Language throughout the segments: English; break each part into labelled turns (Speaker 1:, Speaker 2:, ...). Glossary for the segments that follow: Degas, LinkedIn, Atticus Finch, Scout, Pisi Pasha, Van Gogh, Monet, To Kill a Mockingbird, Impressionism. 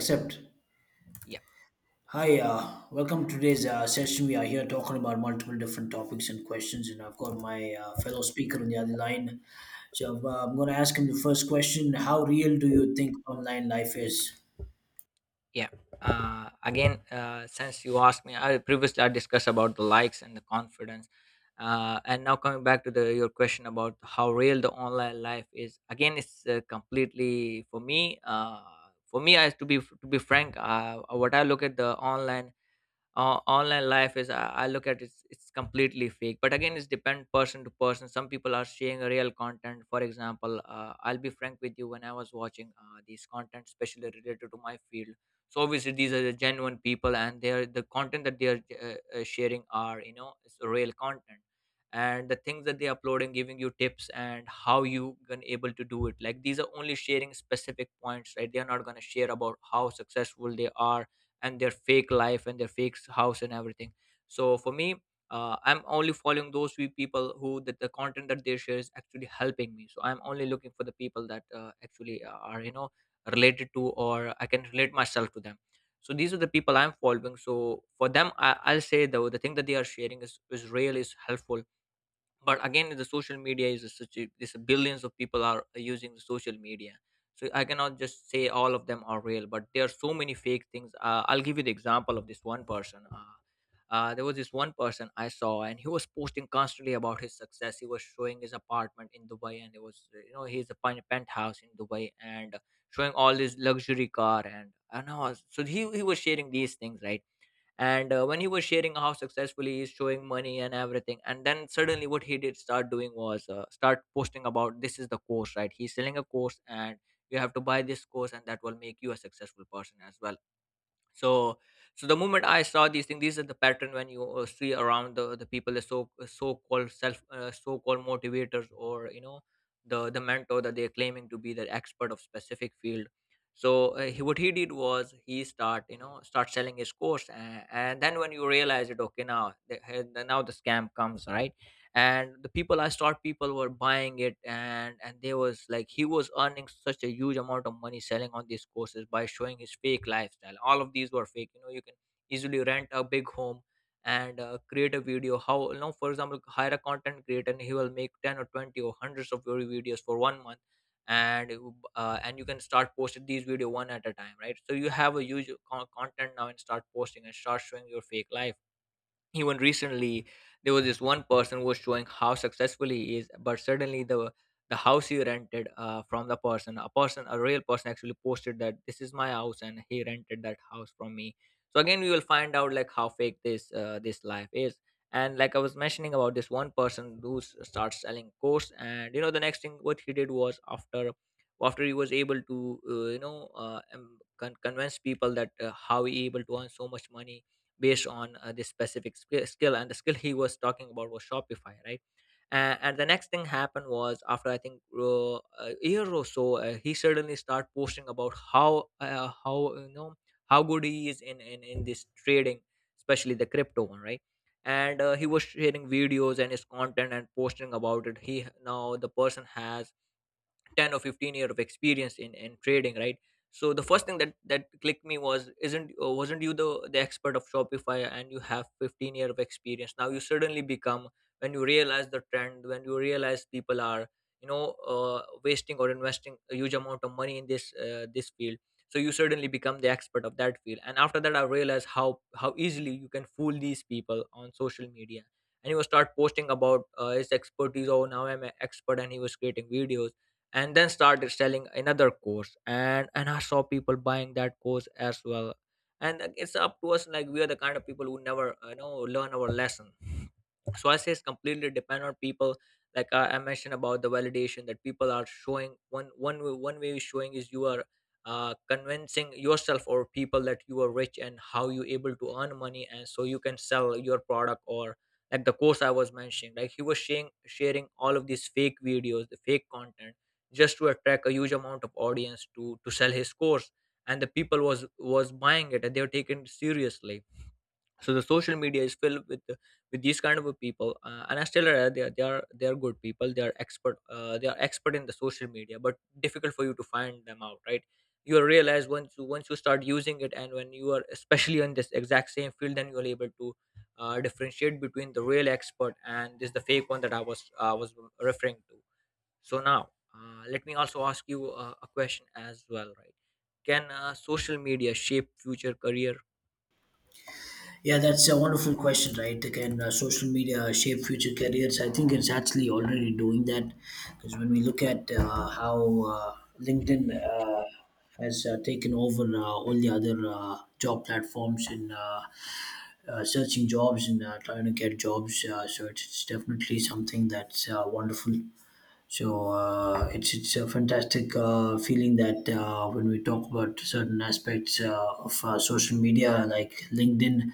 Speaker 1: Except,
Speaker 2: Yeah,
Speaker 1: hi, welcome to today's session. We are here talking about multiple different topics and questions, and I've got my fellow speaker on the other line. So I'm going to ask him the first question: How real do you think online life is?
Speaker 2: yeah. Again, since you asked me, I discussed about the likes and the confidence. And now, coming back to the your question about how real the online life is. Again, it's completely, for me I to be frank, what I look at, the online life is, I look at, it's completely fake. But again, it's depend person to person. Some people are sharing real content. For example, I'll be frank with you, when I was watching these content, especially related to my field. So obviously these are the genuine people, and they are the content that they are sharing are, it's real content. And the things that they are uploading, giving you tips and how you can able to do it, like these are only sharing specific points, right? They are not going to share about how successful they are, and their fake life, and their house and everything. So for me, I'm only following those few people who that the content that they share is actually helping me. So I'm only looking for the people that actually are, related to, or I can relate myself to them. So these are the people I'm following. So for them, I'll say though the thing that they are sharing is real, is helpful. But again, the social media is a such a, this billions of people are using the social media. So I cannot just say all of them are real, but there are so many fake things. I'll give you the example of this one person. There was this one person I saw, and he was posting constantly about his success. He was showing his apartment in Dubai, and it was he's a penthouse in Dubai, and showing all his luxury car. And I know, so he was sharing these things, right? And when he was sharing how successfully he's showing money and everything, and then suddenly what he did start doing was start posting about, this is the course, right? He's selling a course, and you have to buy this course, and that will make you a successful person as well. So so the moment I saw these things, these are the pattern when you see around the people, the so called self, so called motivators, or you know, the mentor that they're claiming to be the expert of specific field. So what he did was, he start, you know, start selling his course. And then when you realize it, okay, now now the scam comes, right? And the people, I start people were buying it, and they was like he was earning such a huge amount of money selling on these courses by showing his fake lifestyle. All of these were fake, you know? You can easily rent a big home. And create a video, how you know, for example, hire a content creator, and he will make 10 or 20 or hundreds of your videos for 1 month. And you can start posting these video one at a time, right? So you have a huge content now, and start posting and start showing your fake life. Even recently, there was this one person who was showing how successful he is. But suddenly, the house he rented from the person, a real person actually posted that this is my house, and he rented that house from me. So again, we will find out like how fake this life is. And like I was mentioning about this one person who starts selling course, and you know the next thing what he did was, after he was able to uh, you know uh, um, convince people that how he able to earn so much money, based on this specific skill. And the skill he was talking about was Shopify, right? And the next thing happened was, after I think a year or so, he suddenly started posting about how you know how good he is in this trading, especially the crypto one, right? And he was sharing videos and his content and posting about it. He, now the person has 10 or 15 year of experience in trading, right? So the first thing that clicked me was, isn't wasn't you the expert of Shopify, and you have 15 year of experience, now you suddenly become. When you realize the trend, when you realize people are, you know, uh, wasting or investing a huge amount of money in this field. So you suddenly become the expert of that field. And after that, I realized how easily you can fool these people on social media. And he was start posting about his expertise, oh now I'm an expert, and he was creating videos. And then started selling another course, and I saw people buying that course as well. And like, it's up to us. Like, we are the kind of people who never, learn our lesson. So I say it's completely depend on people. Like I mentioned about the validation that people are showing. One way is showing is, you are convincing yourself or people that you are rich and how you able to earn money, and so you can sell your product, or, like the course I was mentioning, like he was sharing all of these fake videos, the fake content, just to attract a huge amount of audience to sell his course. And the people was buying it, and they were taken seriously. So the social media is filled with these kind of people. And I still, they are good people, they are expert, they are expert in the social media, but difficult for you to find them out, right? You will realize once you start using it. And when you are especially in this exact same field, then you're able to differentiate between the real expert and this the fake one that I was referring to. So now, let me also ask you a question as well, right? Can social media shape future career?
Speaker 1: Yeah, that's a wonderful question, right? Can social media shape future careers? I think it's actually already doing that, because when we look at how uh, LinkedIn has taken over all the other job platforms in searching jobs and trying to get jobs. So it's definitely something that's wonderful. So it's a fantastic feeling that when we talk about certain aspects of social media, like LinkedIn,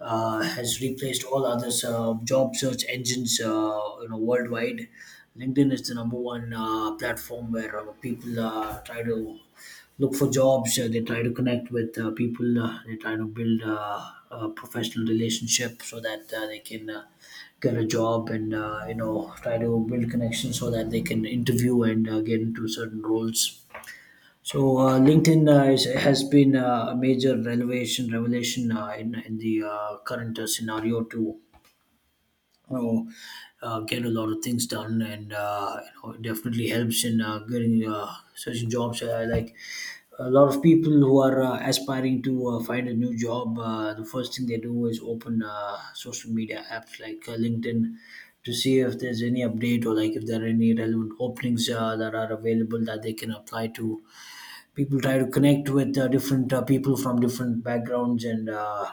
Speaker 1: has replaced all other job search engines, you know, worldwide. LinkedIn is the number one platform where people try to look for jobs. They try to connect with people. They try to build a professional relationship so that they can. Get a job and you know try to build connections so that they can interview and get into certain roles, so LinkedIn is, has been a major revelation in the current scenario too, you know, get a lot of things done, and you know it definitely helps in getting certain jobs. Like a lot of people who are aspiring to find a new job, the first thing they do is open social media apps like LinkedIn to see if there's any update, or like if there are any relevant openings that are available that they can apply to. People try to connect with different people from different backgrounds and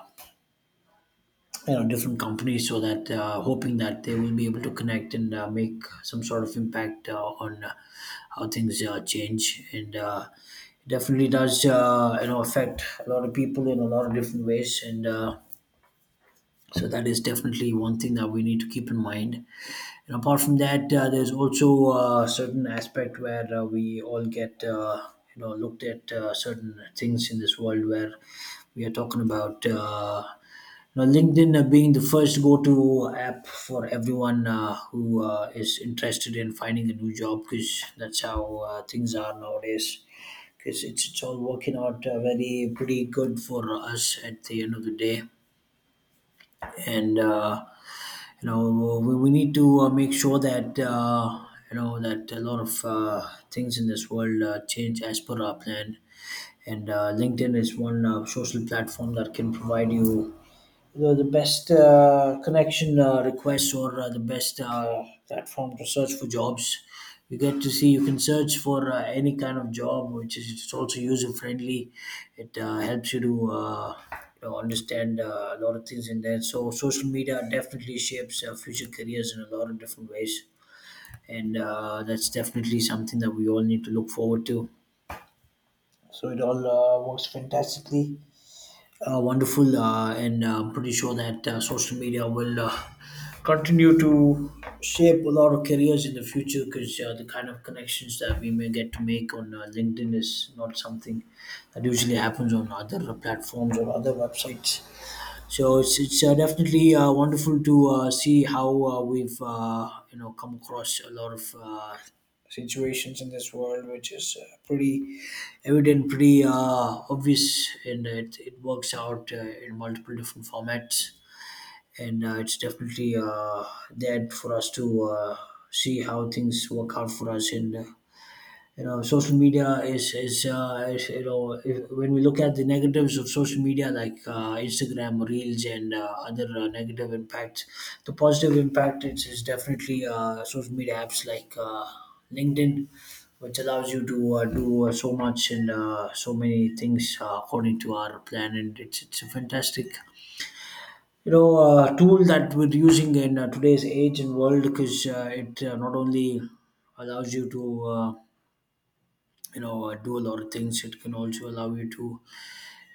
Speaker 1: you know different companies, so that hoping that they will be able to connect and make some sort of impact on how things change. And it definitely does you know affect a lot of people in a lot of different ways. And so that is definitely one thing that we need to keep in mind. And apart from that there's also a certain aspect where we all get you know looked at certain things in this world where we are talking about now, LinkedIn being the first go-to app for everyone who is interested in finding a new job, because that's how things are nowadays. It's all working out very pretty good for us at the end of the day, and you know we need to make sure that you know that a lot of things in this world change as per our plan, and LinkedIn is one social platform that can provide you the best connection requests or the best platform to search for jobs. You get to see you can search for any kind of job, which is it's also user friendly. It helps you to you know, understand a lot of things in there. So social media definitely shapes future careers in a lot of different ways, and that's definitely something that we all need to look forward to. So it all works fantastically wonderful, and I'm pretty sure that social media will continue to shape a lot of careers in the future, because the kind of connections that we may get to make on LinkedIn is not something that usually happens on other platforms or other websites. So it's definitely wonderful to see how we've you know come across a lot of situations in this world, which is pretty evident, pretty obvious, and it works out in multiple different formats. And it's definitely there for us to see how things work out for us. And you know social media is, you know, if, when we look at the negatives of social media like Instagram reels and other negative impacts, the positive impact is definitely social media apps like LinkedIn, which allows you to do so much and so many things according to our plan. And it's a fantastic, you know, tool that we're using in today's age and world, because it not only allows you to you know do a lot of things, it can also allow you to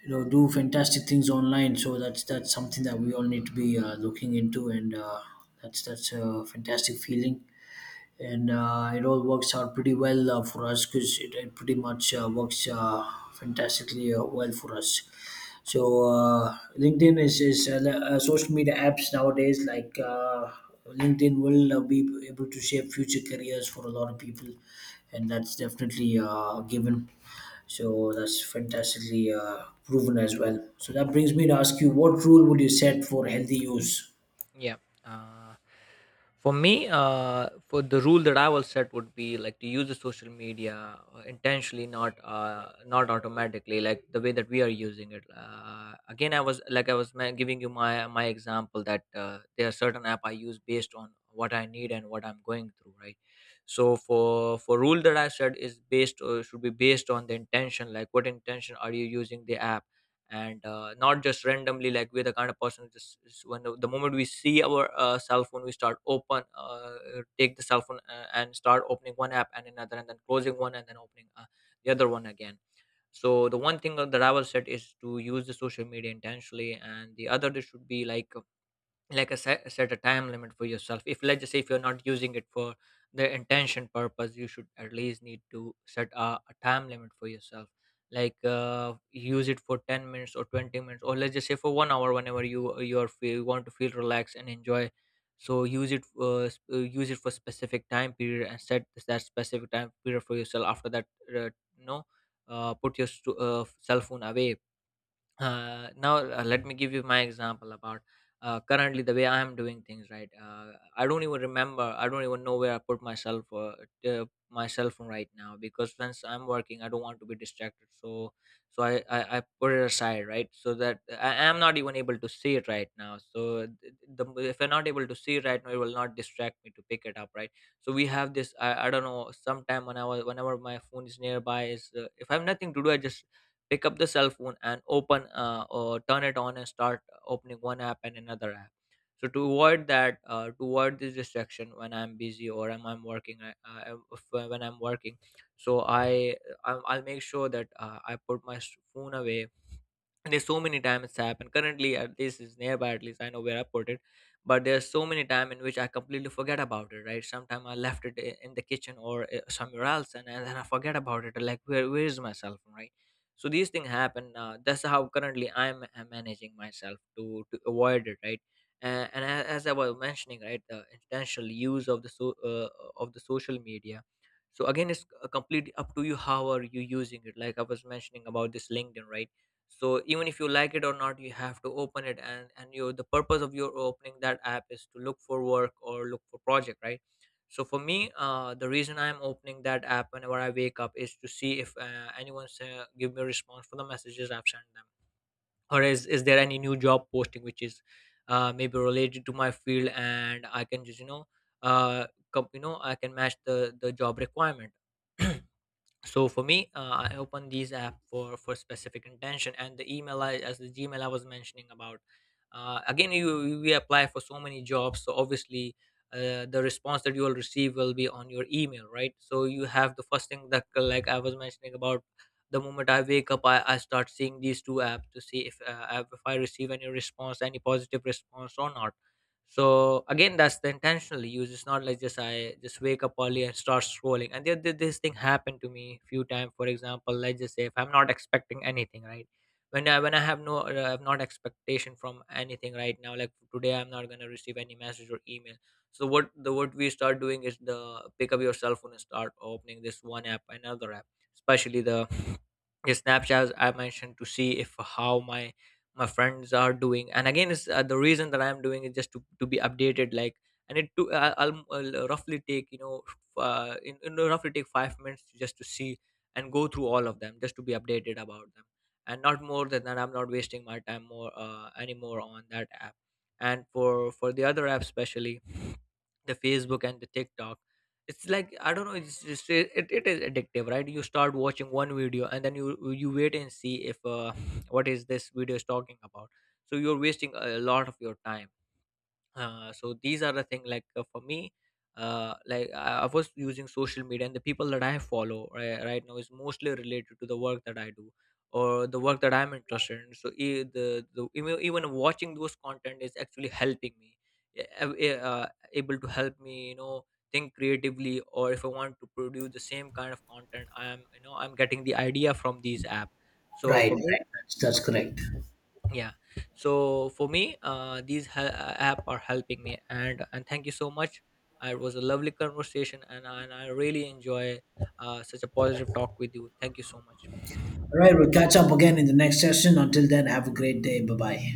Speaker 1: you know do fantastic things online. So that's something that we all need to be looking into. And that's a fantastic feeling, and it all works out pretty well for us, because it pretty much works fantastically well for us. So LinkedIn is social media apps nowadays. Like LinkedIn will be able to shape future careers for a lot of people, and that's definitely a given. So that's fantastically proven as well. So that brings me to ask you, what rule would you set for healthy use?
Speaker 2: Yeah. Uh, for me, for the rule that I will set would be like to use the social media intentionally, not automatically, like the way that we are using it. Again, I was giving you my example that there are certain app I use based on what I need and what I'm going through, right? So for rule that I said is based or should be based on the intention, like what intention are you using the app? And not just randomly, like we're the kind of person just when the moment we see our cell phone, we start open, take the cell phone, and start opening one app and another, and then closing one and then opening the other one again. So the one thing that I will said is to use the social media intentionally. And the other, there should be like, a set a time limit for yourself. If Let's just say if you're not using it for the intention purpose, you should at least need to set a time limit for yourself. Like, use it for 10 minutes or 20 minutes, or let's just say for 1 hour, whenever you're feel, you want to feel relaxed and enjoy. So use it, use it for specific time period, and set that specific time period for yourself. After that, uh, you put your cell phone away. Now, let me give you my example about currently the way I am doing things, right? I don't even know where I put myself, my cell phone right now. Because since I'm working, I don't want to be distracted. So so I put it aside, right? So that I am not even able to see it right now. So if I'm not able to see it right now, it will not distract me to pick it up, right? So we have this, I don't know, sometime when I was whenever my phone is nearby is, if I have nothing to do, I just pick up the cell phone and open, or turn it on, and start opening one App and another app. So to avoid that, to avoid this distraction when I'm busy or am I'm working, I, if, when I'm working, so i I'll make sure that I put my phone away. There's so many times it's happened currently, at least is nearby, at least I know where I put it. But there's so many time in which I completely forget about it, right? Sometime I left it in the kitchen or somewhere else, and then I forget about it, like where is my cell phone, right? So these things happen, that's how currently I'm, managing myself to avoid it, right? As I was mentioning, right, the intentional use of the, of the social media. So again, it's completely up to you how are you using it, like I was mentioning about this LinkedIn, right? So even if you like it or not, you have to open it, and you, the purpose of your opening that app is to look for work or look for project, right? So for me, the reason I'm opening that app whenever I wake up is to see if anyone's give me a response for the messages I've sent them. Or is there any new job posting which is, maybe related to my field, and I can just, you know, uh, you know, I can match the job requirement. So for me, I open these app for specific intention. And the email, as the Gmail I was mentioning about. Uh, again, we apply for so many jobs, so obviously, the response that you will receive will be on your email, right? So you have the first thing that, like I was mentioning about, the moment I wake up I start seeing these two apps to see if I receive any response, any positive response or not. So again, that's the intentionally use. It's not like just I just wake up early and start scrolling. And this thing happened to me a few times. For example, let's just say if I'm not expecting anything, right? When I have no have not expectation from anything right now, like today I'm not gonna receive any message or email. So what the what we start doing is the pick up your cell phone and start opening this one app, another app, especially the Snapchat I mentioned, to see if how my friends are doing. And again, it's, the reason that I'm doing it, just to, be updated, like. And it to I'll, roughly take, you know, f- in roughly take 5 minutes just to see and go through all of them, just to be updated about them. And not more than that, I'm not wasting my time more, anymore on that app. And for the other app, especially the Facebook and the TikTok, it's like I don't know, it's just it is addictive, right? You start watching one video and then you wait and see if, what is this video is talking about. So you're wasting a lot of your time. So these are the thing, like, for me, like I was using social media, and the people that I follow right, right now is mostly related to the work that I do or the work that I'm interested in. So e- the even watching those content is actually helping me, eh, eh, uh, able to help me, you know, think creatively. Or if I want to produce the same kind of content, I'm, you know, I'm getting the idea from these app. So
Speaker 1: Right,
Speaker 2: for me,
Speaker 1: right. That's correct.
Speaker 2: yeah, so for me, these app are helping me. And thank you so much. It was a lovely conversation, and I really enjoy, such a positive talk with you. Thank you so much.
Speaker 1: All right, we'll catch up again in the next session. Until then, have a great day. Bye bye.